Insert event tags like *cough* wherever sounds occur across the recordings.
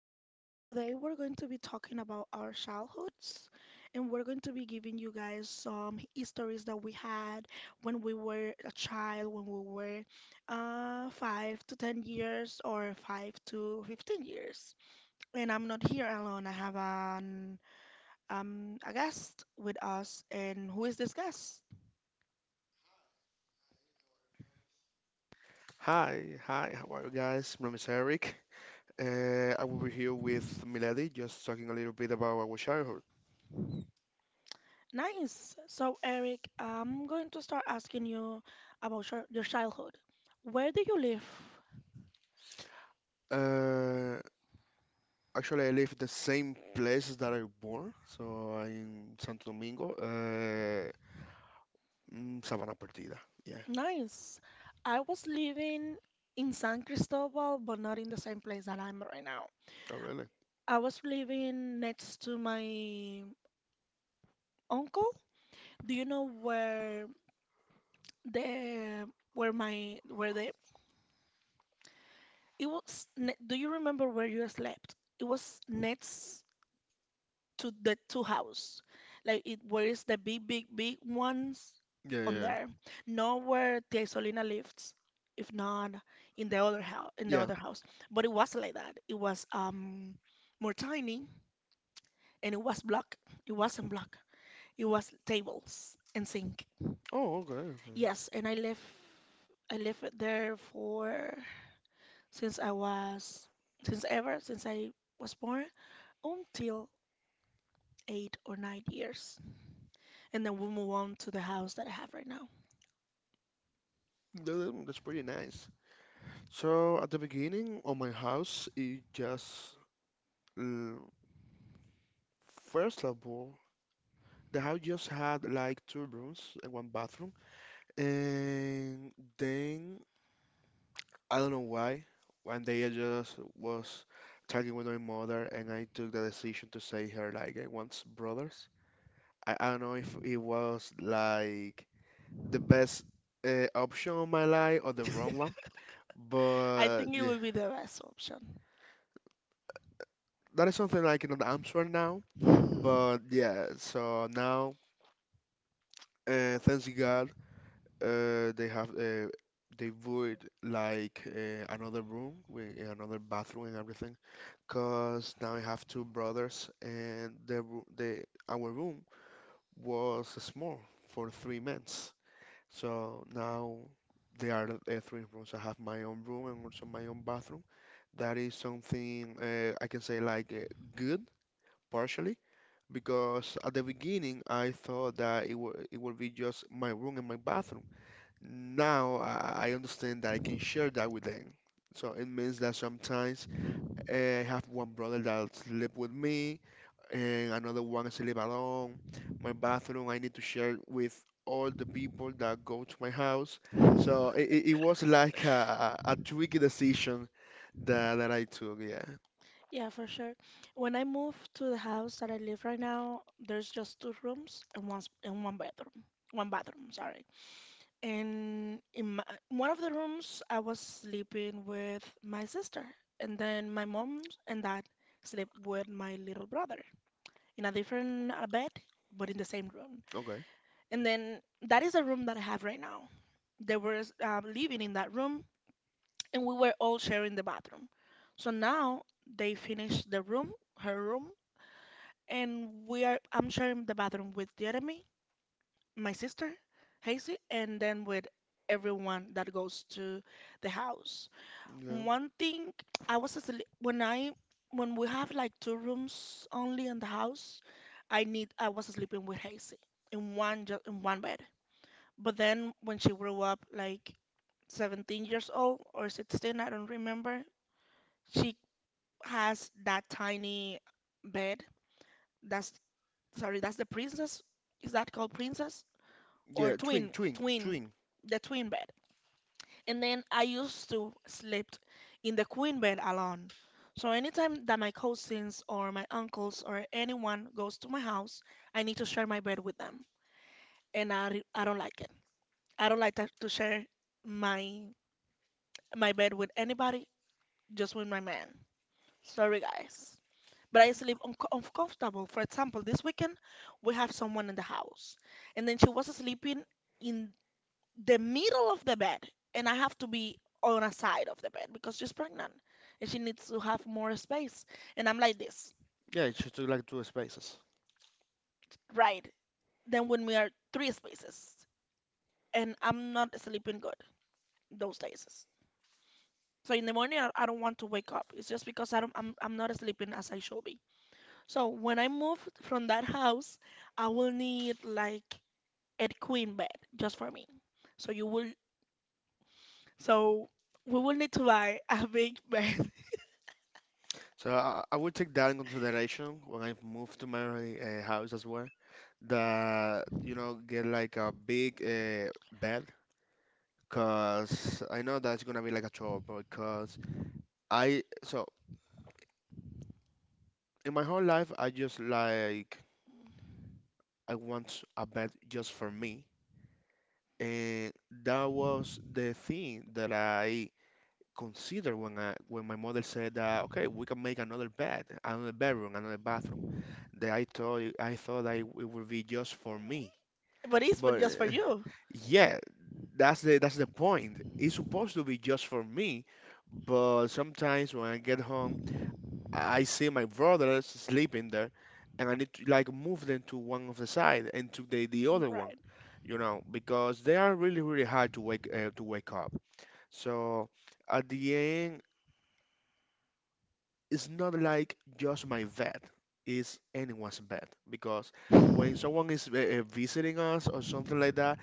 podcast. Today we're going to be talking about our childhoods, and we're going to be giving you guys some stories that we had when we were a child, when we were 5 to 10 years or 5 to 15 years. And I'm not here alone. I have an a guest with us. And who is this guest? Hi, hi, how are you guys? My name is Eric. I will be here with Milady, just talking a little bit about our childhood. Nice. So Eric, I'm going to start asking you about your childhood. Where do you live? Uh, actually, I live the same place that I born, so I'm in Santo Domingo, Sabana Perdida. Yeah. Nice. I was living in San Cristobal, but not in the same place that I'm right now. Oh, really? I was living next to my uncle. Do you know where the where my where the it was ne- do you remember where you slept? It was next to the two house. Like it wears the big, big, big ones Yeah, on yeah, there. Not where Tia Isolina lives, if not in the other house in the yeah. other house. But it wasn't like that. It was more tiny, and it was black. It wasn't black. It was tables and sink. Oh, okay, okay. Yes, and I left it there for since I was since ever since I was born until 8 or 9 years. And then we'll move on to the house that I have right now. That's pretty nice. So at the beginning of my house, it just uh, first of all, the house just had like two rooms and one bathroom. And then I don't know why. One day I just was talking with my mother, and I took the decision to say her like I want brothers. I don't know if it was like the best option of my life or the wrong one, I but think it yeah, would be the best option. that is something I cannot answer now. But yeah, so now, thanks to God, uh, they have uh, they would like another room with another bathroom and everything, because now I have two brothers, and the our room was small for 3 months. So now there are three rooms. I have my own room and also my own bathroom. That is something I can say like good, partially, because at the beginning I thought that it will be just my room and my bathroom. Now I understand that I can share that with them. So it means that sometimes I have one brother that sleep with me, and another one is El Balón. My bathroom I need to share with all the people that go to my house. So it was like a tricky decision that I took. Yeah. Yeah, for sure. When I moved to the house that I live right now, there's just two rooms and one bedroom. One bathroom, sorry. And one of the rooms, I was sleeping with my sister, and then my mom and dad sleep with my little brother in a different bed, but in the same room. Okay. And then that is the room that I have right now. They were living in that room, and we were all sharing the bathroom. So now they finished the room, her room, and we are I'm sharing the bathroom with Jeremy, my sister, Hazy, and then with everyone that goes to the house. Yeah. One thing, I was asleep when I when we have like two rooms only in the house. I was sleeping with Hazy in one just in one bed. But then when she grew up like 17 years old or 16, I don't remember, she has that tiny bed. That's sorry, that's the princess. Is that called princess or Yeah. Twin. twin? Twin. Twin, Twin. the twin bed. And then I used to sleep in the queen bed alone. So anytime that my cousins or my uncles or anyone goes to my house, I need to share my bed with them, and I don't like it. I don't like to share my my bed with anybody, just with my man. Sorry, guys. But I sleep uncomfortable. For example, this weekend we have someone in the house, and then she was sleeping in the middle of the bed, and I have to be on a side of the bed because she's pregnant and she needs to have more space. And I'm like this, Yeah. It's just like two spaces. right? Then when we are three spaces, and I'm not sleeping good those days. So in the morning, I don't want to wake up. It's just because I don't, I'm not sleeping as I should be. So when I move from that house, I will need like and queen bed just for me. So you will so we will need to buy a big bed. *laughs* So I will take that in consideration when I move to my house as well. That, get like a big bed, cause I know that's gonna be like a trouble. Cause I so in my whole life I want a bed just for me, and that was the thing that I considered when I when my mother said that okay we can make another bed, another bedroom, another bathroom, that I thought that it would be just for me, But it's for but just for you. yeah, that's the point. It's supposed to be just for me, but sometimes when I get home, I see my brothers sleeping there, and I need to like move them to one of the side and to the other one, Right. Because they are really really hard to wake up. So at the end, it's not like just my bed, it's anyone's bed, because when someone is visiting us or something like that,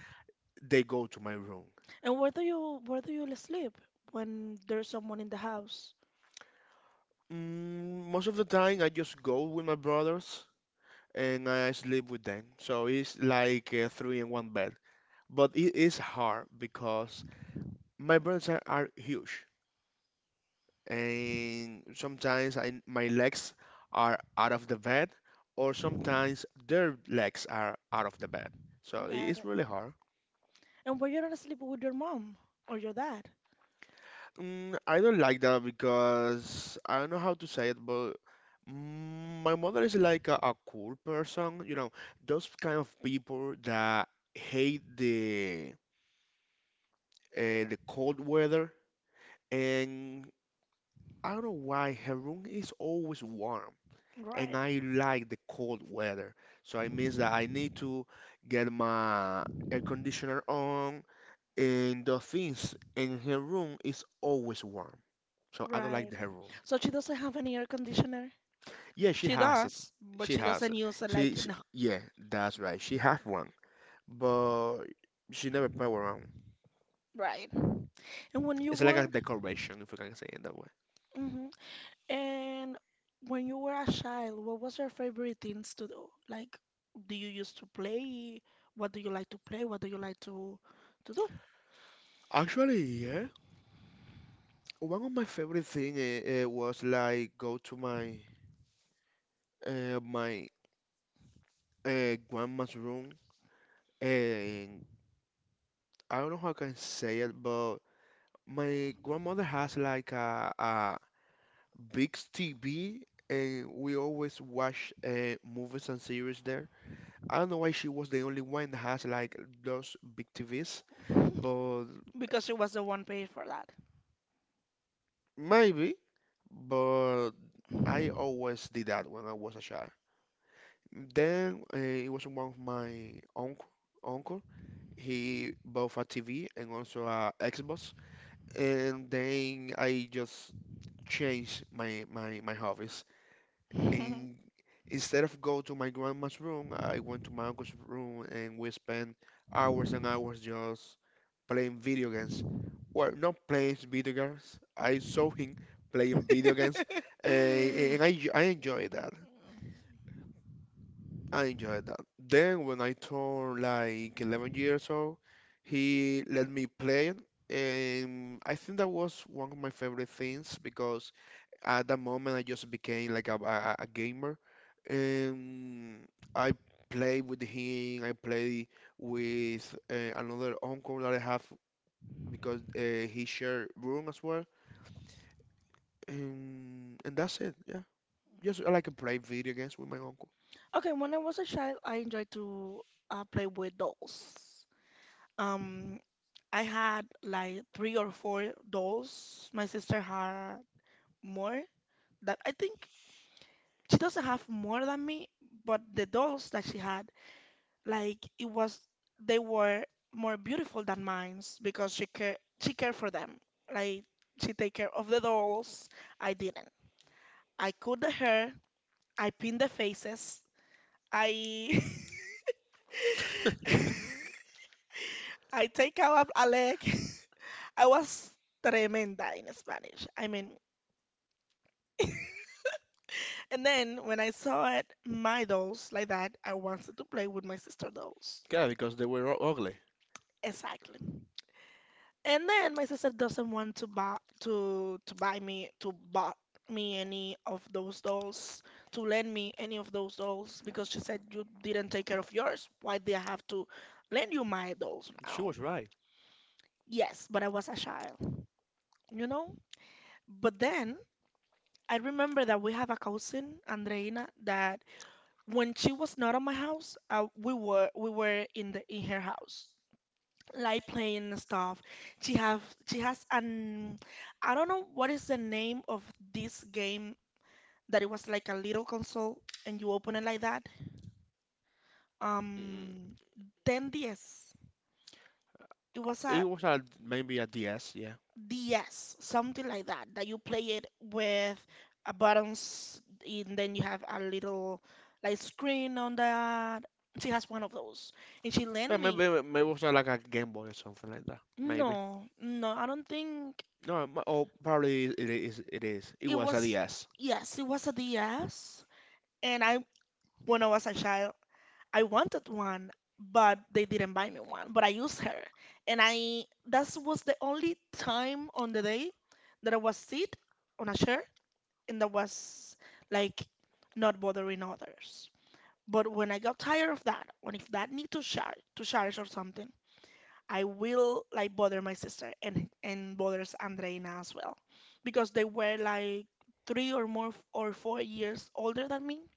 they go to my room. And where do you sleep when there's someone in the house? Most of the time, I just go with my brothers and I sleep with them. So it's like three in one bed. But it is hard because my brothers are huge, and sometimes my legs are out of the bed, or sometimes their legs are out of the bed. So it Got is it. really hard. And where you're gonna sleep with your mom or your dad? I don't like that because I don't know how to say it, but my mother is like a cool person, those kind of people that hate the the cold weather, and I don't know why her room is always warm. And Right. I like the cold weather. So it means that I need to get my air conditioner on and the things. And her room is always warm. So I don't like Right. her room. So she doesn't have any air conditioner? Yeah, she She has it. does, but She she has doesn't it. use it like She in. yeah, that's right. She has one, but she never power on. Right. And when you It's like were, a decoration, if we can say it that way. Mhm. And when you were a child, what was your favorite things to do? Like, do you used to play? What do you like to play? What do you like to do? Actually, yeah. One of my favorite thing was like go to my grandma's room, and I don't know how I can say it, but my grandmother has like a big TV, and we always watch movies and series there. I don't know why she was the only one that has like those big TVs, but Because she was the one paid for that. maybe. But I always did that when I was a child. Then it was one of my uncle. Uncle, he bought a TV and also a Xbox, and then I just change my hobbies. And *laughs* instead of go to my grandma's room, I went to my uncle's room, and we spent hours and hours just playing video games. Well, not playing video games. I saw him playing video games, and I enjoyed that. I enjoyed that. Then when I turned like 11 years old, he let me play it, and I think that was one of my favorite things because at that moment I just became like a gamer, and I I play with another uncle that I have, because he shared room as well, and that's it, yeah. Just I like to play video games with my uncle. Okay, when I was a child, I enjoyed to play with dolls. Um, I had like three or four dolls. My sister had more. That I think she doesn't have more than me, but the dolls that she had, like it was, they were more beautiful than mine's because she cared for them. Like she take care of the dolls. I didn't. I cut the hair. I pin the faces. I. *laughs* *laughs* I take out a leg. *laughs* I was tremenda in Spanish. I mean, and then when I saw it, my dolls like that, I wanted to play with my sister dolls. Yeah, because they were ugly. Exactly. And then my sister doesn't want to buy me to bought me any of those dolls, to lend me any of those dolls because she said you didn't take care of yours. Why do I have to lend you my dolls She now? was right. Yes, but I was a child, you know? But then I remember that we have a cousin, Andreina, that when she was not at my house, we were in the in her house, like playing and stuff. She have she has an I don't know what is the name of this game, that it was like a little console and you open it like that. Mm, Um, 10DS. It was it a was a maybe a DS, yeah, DS, something like that, that you play it with a buttons, and then you have a little like screen on that. She has one of those. And she yeah, lent me. maybe it was like a Game Boy or something like that, maybe. No, no, I don't think No, oh, probably it is. It is. It it was a, was. yes. Yes, it was a DS. And I when I was a child, I wanted one, but they didn't buy me one. But I used her, and I that was the only time on the day that I was sit on a chair, and that was like not bothering others. But when I got tired of that, when if that need to charge or something, I will like bother my sister, and bothers Andreina as well, because they were like three or more f- or 4 years older than me,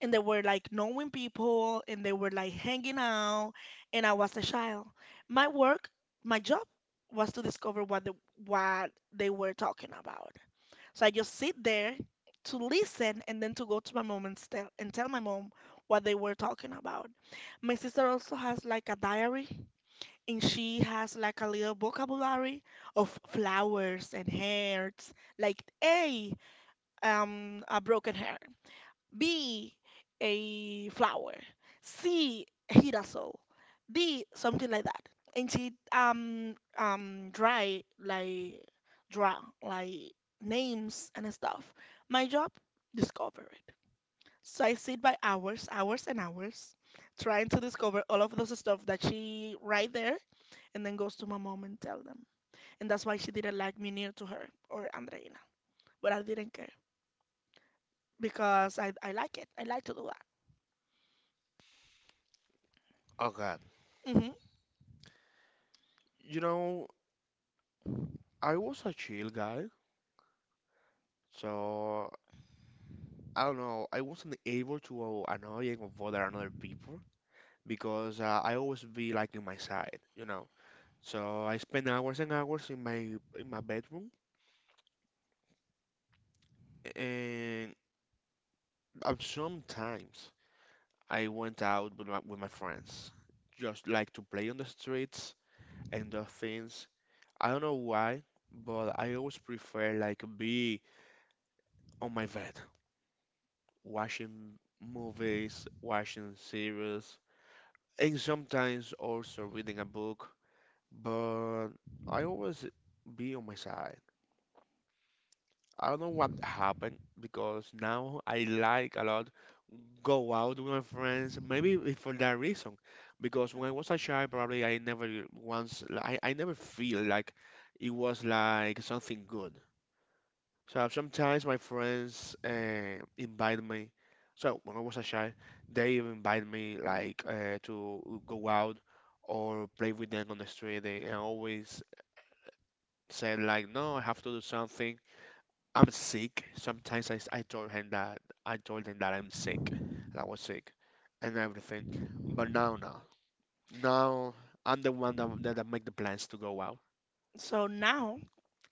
and they were like knowing people, and they were like hanging out, and I was a child. My work, my job was to discover what they were talking about. So I just sit there to listen and then to go to my mom and tell my mom what they were talking about. My sister also has like a diary, and she has like a little vocabulary of flowers and hearts, like hey, a broken hair, B, a flower. C, a girasol. D, something like that. And she dry like draw like names and stuff. My job, discover it. So I sit by hours, hours and hours, trying to discover all of those stuff that she right there, and then goes to my mom and tell them. And that's why she didn't like me near to her or Andreina. But I didn't care because I like it. I like to do that. Oh God. Hmm. You know, I was a chill guy, so I don't know. I wasn't able to annoy and bother another people, because I always be like in my side. So I spend hours and hours in my bedroom, and sometimes I went out with my friends, just like to play on the streets and do things. I don't know why, but I always prefer like be on my bed, watching movies, watching series, and sometimes also reading a book. But I always be on my side. I don't know what happened because now I like a lot go out with my friends. Maybe it for that reason, because when I was a child, probably I never once I never feel like it was like something good. So sometimes my friends invite me. So when I was a child, they invite me like to go out or play with them on the street. They I always said like, no, I have to do something. I'm sick. Sometimes I told them that I'm sick, that I was sick, and everything. But now I'm the one that that make the plans to go out. So now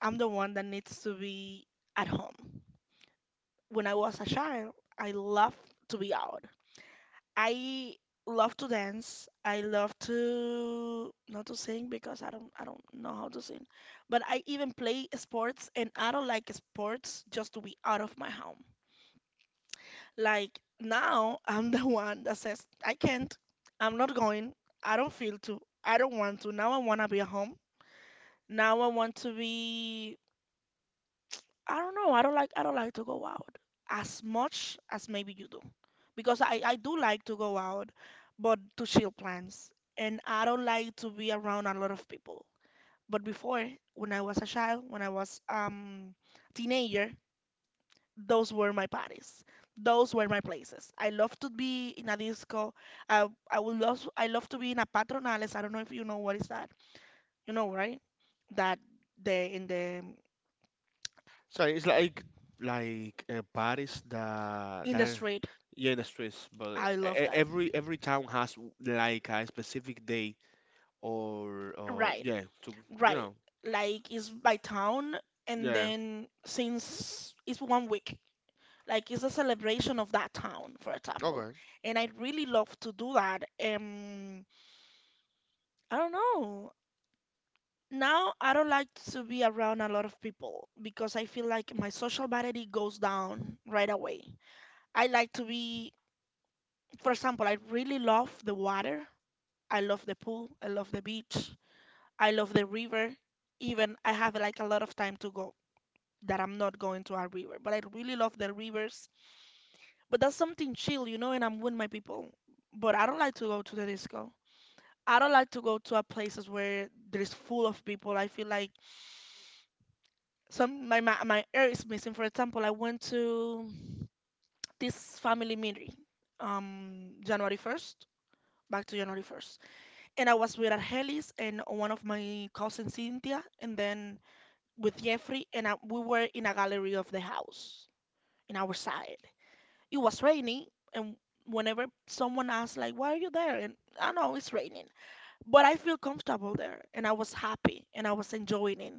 I'm the one that needs to be at home. When I was a child, I loved to be out. I love to dance. I love to not to sing because I don't know how to sing. But I even play sports, and I don't like sports, just to be out of my home. Like now, I'm *laughs* the one that says, "I can't, I'm not going, I don't feel to, I don't want to." Now I want to be at home. Now I want to be, I don't know, I don't like to go out as much as maybe you do. Because I do like to go out, but to chill plans. And I don't like to be around a lot of people. But before, when I was a child, when I was teenager, those were my parties. Those were my places. I love to be in a disco. I love to be in a patronales. I don't know if you know what is that. You know, right? That the in the So it's like like Paris, the, in the the street. yeah, the streets, but I e- love e- that. every every town has like a specific day or Right, yeah to you right. know Like it's by town, and yeah. then since it's one week, like it's a celebration of that town, for example. Okay. And I really love to do that. I don't know. Now I don't like to be around a lot of people because I feel like my social battery goes down right away. I like to be, for example, I really love the water. I love the pool. I love the beach. I love the river. Even I have like a lot of time to go that I'm not going to a river, but I really love the rivers. But that's something chill, and I'm with my people. But I don't like to go to the disco. I don't like to go to a places where there's full of people. I feel like some my, my my air is missing. For example, I went to this family meeting January 1st, back to January 1st, and I was with Argelis and one of my cousins Cynthia, and then with Jeffrey, and I, we were in a gallery of the house in our side. It was raining, and whenever someone asks like, "Why are you there?" And I know it's raining, but I feel comfortable there and I was happy and I was enjoying it.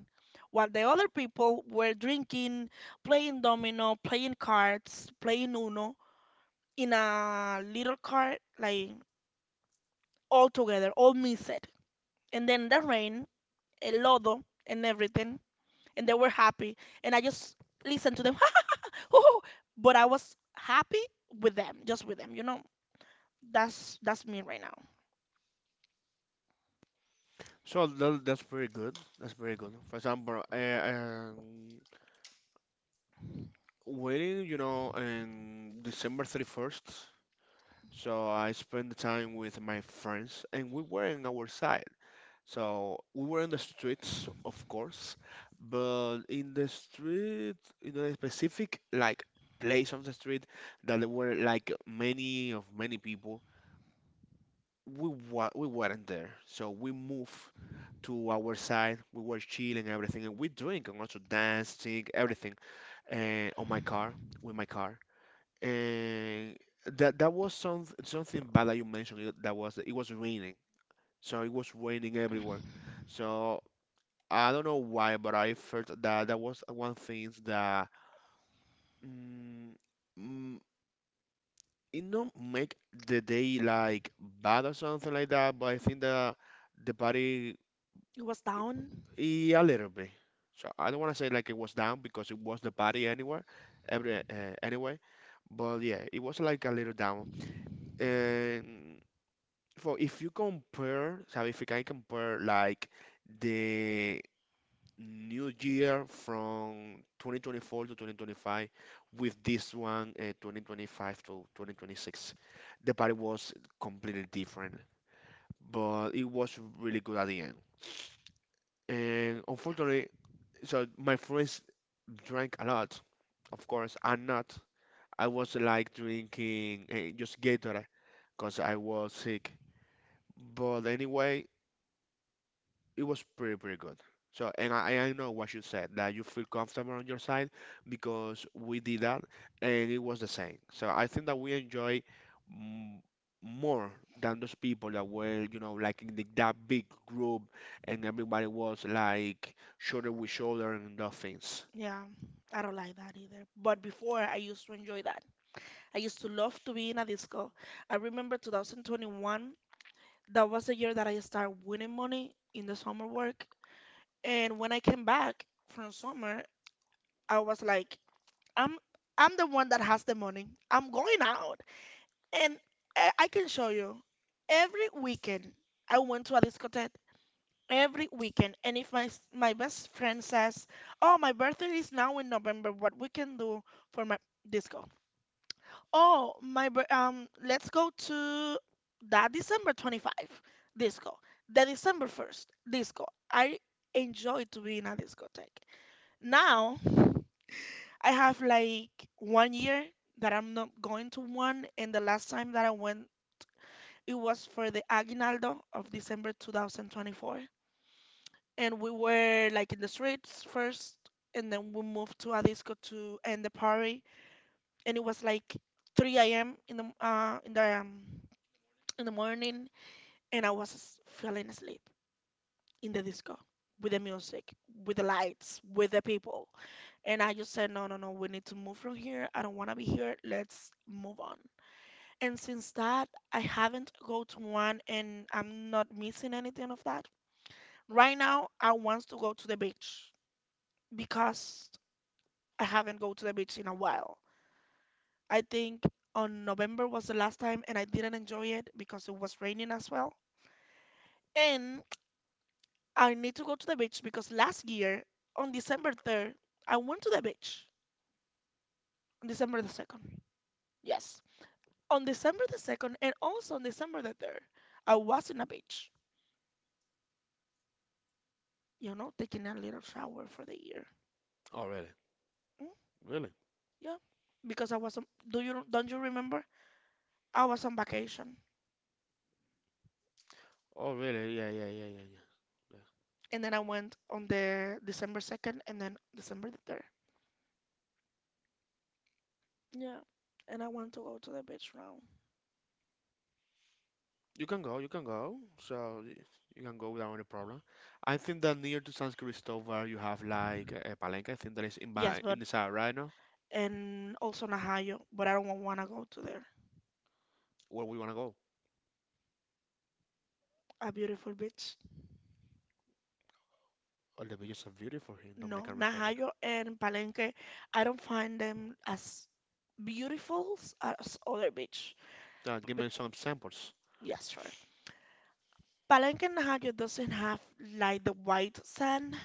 While the other people were drinking, playing domino, playing cards, playing Uno in a little cart, like all together, all mixed. And then the rain, el lodo, and everything. And they were happy. And I just listened to them. *laughs* Hoo, hoo. But I was happy with them, just with them, That's me right now. So that's very good. That's very good. For example, wedding, on December 31st. So I spent the time with my friends and we were in our side. So we were in the streets, of course, but in the street, in a specific like place of the street that there were like many people. We weren't there. So we moved to our side. We were chilling, everything, and we drink and also dance, sing, everything, on my car with my car. And that was something bad that you mentioned. That was It was raining, so it was raining everywhere. So I don't know why, but I felt that that was one thing that mm, mm, it don't make the day like bad or something like that, but I think that the party It was down. A little bit. So I don't want to say like it was down because it was the party anywhere, every anyway, but yeah, it was like a little down. And for if you compare, so if you can compare like the new year from 2024 to 2025 with this one 2025 to 2026, the party was completely different, but it was really good at the end. And unfortunately, so my friends drank a lot. Of course, I'm not, I was like drinking just gatorade because I was sick, but anyway, it was pretty good. So and I know what you said, that you feel comfortable on your side because we did that and it was the same. So I think that we enjoy m more than those people that were like in that big group, and everybody was like shoulder with shoulder and those things. Yeah, I don't like that either. But before, I used to enjoy that. I used to love to be in a disco. I remember 2021, that was the year that I started winning money in the summer work. And when I came back from summer, I was like, I'm I'm the one that has the money. I'm going out. And I can show you. Every weekend, I went to a discotheque every weekend. And if my best friend says, "Oh, my birthday is now in November. What we can do for my disco? Oh, let's go to that December 25th disco. The December 1st disco." I enjoy to be in a discotheque. Now I have like 1 year that I'm not going to one, and the last time that I went, it was for the Aguinaldo of December 2024. And we were like in the streets first and then we moved to a disco to end the party, and it was like 3 a.m. in the in the in the morning, and I was falling asleep in the disco with the music, with the lights, with the people. And I just said, no, no, no, we need to move from here. I don't want to be here. Let's move on. And since that, I haven't go to one and I'm not missing anything of that. Right now, I want to go to the beach because I haven't go to the beach in a while. I think on November was the last time and I didn't enjoy it because it was raining as well. And I need to go to the beach because last year on December 3rd, I went to the beach on December the 2nd. Yes. On December the 2nd and also on December the 3rd, I was in a beach, you know, taking a little shower for the year. Oh, really? Mm, Really? yeah. Because I was on, do you don't you remember? I was on vacation Oh, really? Yeah, yeah, yeah, yeah, yeah. and then I went on the December 2nd and then December the 3rd. Yeah. And I want to go to the beach now. You can go, you can go. So you can go without any problem. I think that near to San Cristobal you have like a Palenque. I think that is Yes, in but the south right now. and also Najayo, but I don't want to go to there. Where we wanna go? A beautiful beach. All the beaches are beautiful here in No, Dominican Republic. Najayo and Palenque, I don't find them as as other beach. Give But me some samples. yes, sure. Palenque and Najayo doesn't have like the white sand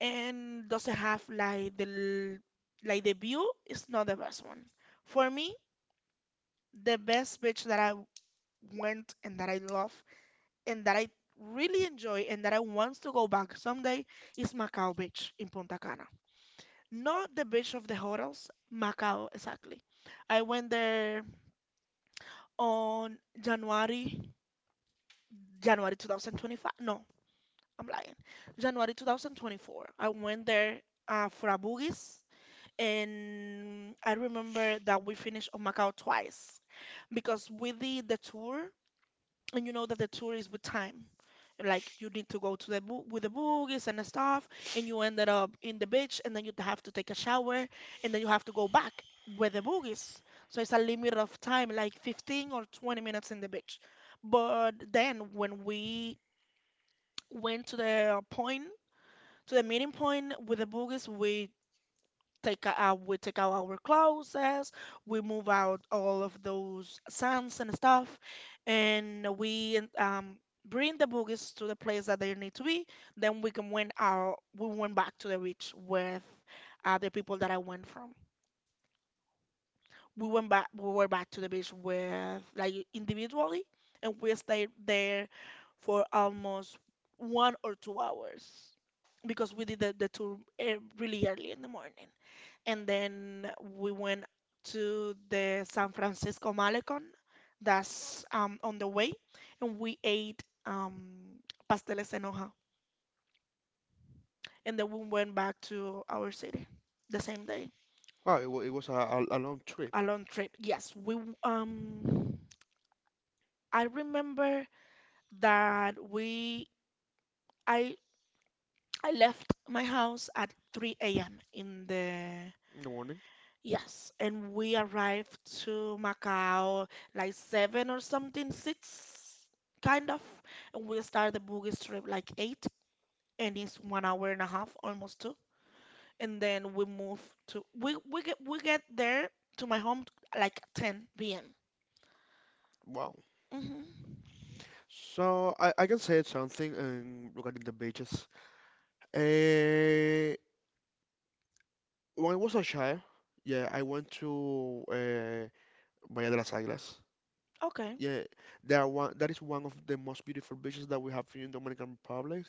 and doesn't have like l- like the view is not the best one. For me, the best beach that I went and that I love and that I really enjoy and that I want to go back someday is Macau Beach in Punta Cana. Not the beach of the hotels, Macau exactly. I went there on January, January 2025. No, I'm lying. January 2024. I went there for a boogies, and I remember that we finished on Macau twice because we did the tour, and you know that the tour is with time. Like you need to go to with the boogies and stuff, and you ended up in the beach, and then you have to take a shower, and then you have to go back with the boogies. So it's a limit of time, like 15 or 20 minutes in the beach. But then when we went to the point, to the meeting point with the boogies, we take out our clothes, we move out all of those sands and stuff, and we bring the boogies to the place that they need to be. Then we went back to the beach with the people that I went from. We were back to the beach with like individually, and we stayed there for almost 1 or 2 hours because we did the tour really early in the morning, and then we went to the San Francisco Malecon that's on the way, and we ate pasteles en hoja, and then we went back to our city the same day. Wow, it was a long A trip long trip. Yes, we um I remember that we I I left my house at 3 a.m. in the in the morning. Yes, and we arrived to Macau like seven or something, six kind of, and we start the boogie trip like eight, and it's 1 hour and a half, almost two. And then we move to we get there to my home like 10 p.m. Wow. Hmm. So I can say something regarding the beaches. Uh, when I was a child, yeah, I went to Bahía de las Águilas. Okay, Yeah, that one, that is one of the most beautiful beaches that we have here in Dominican Republic,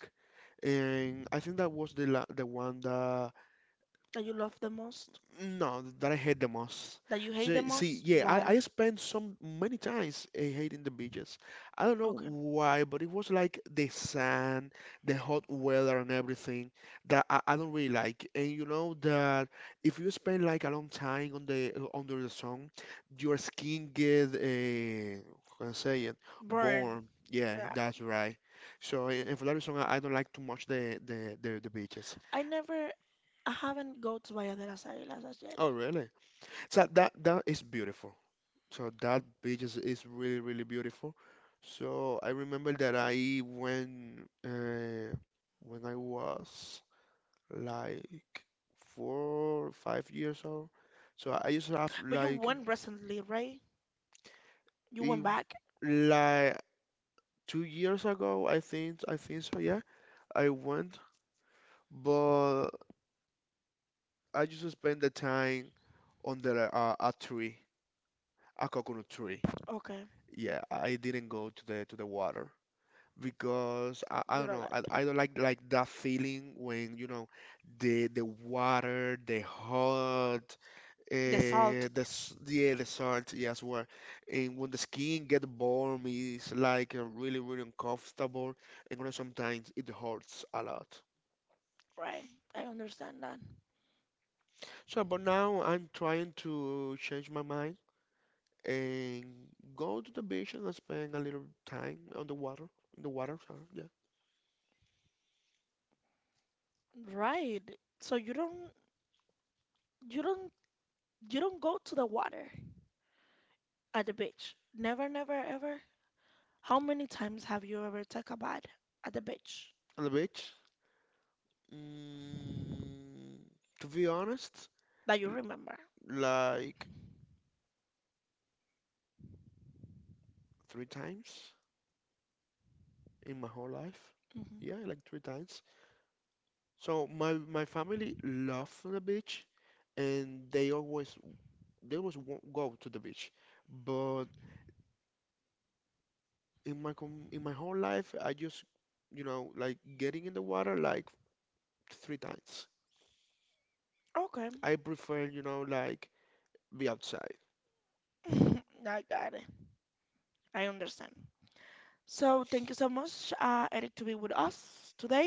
and I think that was the one that, that you love the most, no, that I hate the most. that you hate the So, see, most, yeah, I, why? I spent some many times hating the beaches. I don't know Okay, why, but it was like the sand, the hot weather, and everything that I don't really like. And you know that if you spend like a long time on the under the sun, your skin get how can I say it, burn. born. Yeah, Right. that's right. So, and for that reason, I don't like too much the beaches. I never, I haven't go to Bahía de las Águilas as yet, Oh, really? So that is beautiful. So that beach is really, really beautiful. So I remember that I went when I was like 4 or 5 years old. So I used to have but you like, went recently, right? You if, went back? like 2 years ago, I think so. Yeah, I went, but I used to spend the time under a tree, a coconut tree. Okay. Yeah, I didn't go to the water, because I You don't don't know, I, like I don't like that feeling when you know the water, the hot the salt, the yeah, the salt, yes, well. And when the skin get warm, it's like really really uncomfortable, and sometimes it hurts a lot. right? I understand that. So but now I'm trying to change my mind and go to the beach and spend a little time on the water, in the water, sorry, yeah. Right. So you don't you don't go to the water at the beach. Never, never, ever. How many times have you ever take a bath at the beach On the beach. Mm, to be honest, that you l- remember? like three times in my whole life. Hmm. Yeah, like three times. So my family love the beach, and go to the beach. But in my whole life, I just like getting in the water like three times. Okay. I prefer like be outside. *laughs* I got it. I understand. So thank you so much, Eric, to be with us today.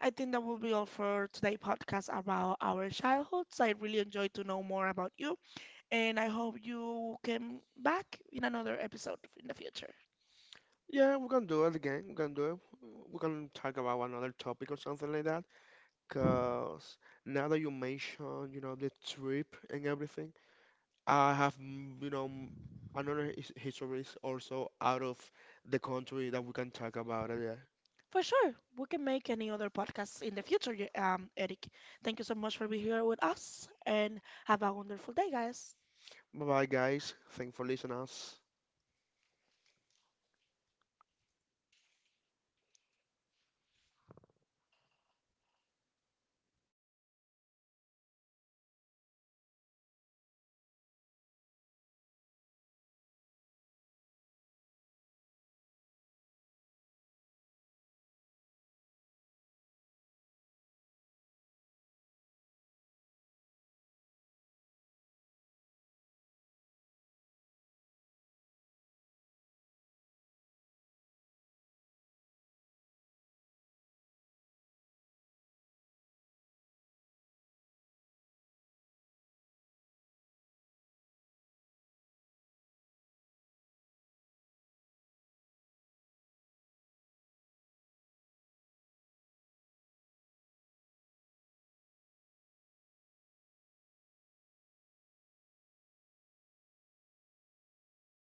I think that will be all for today' podcast about our childhoods. I really enjoyed to know more about you, and I hope you come back in another episode in the future. Yeah, we can do it again. We can do it. We can talk about another topic or something like that. Because now that you mention, the trip and everything, I have, another histories also out of the country that we can talk about it. For sure, we can make any other podcasts in the future, Eric. Thank you so much for being here with us, and have a wonderful day, guys. Bye bye, guys. Thanks for listening us.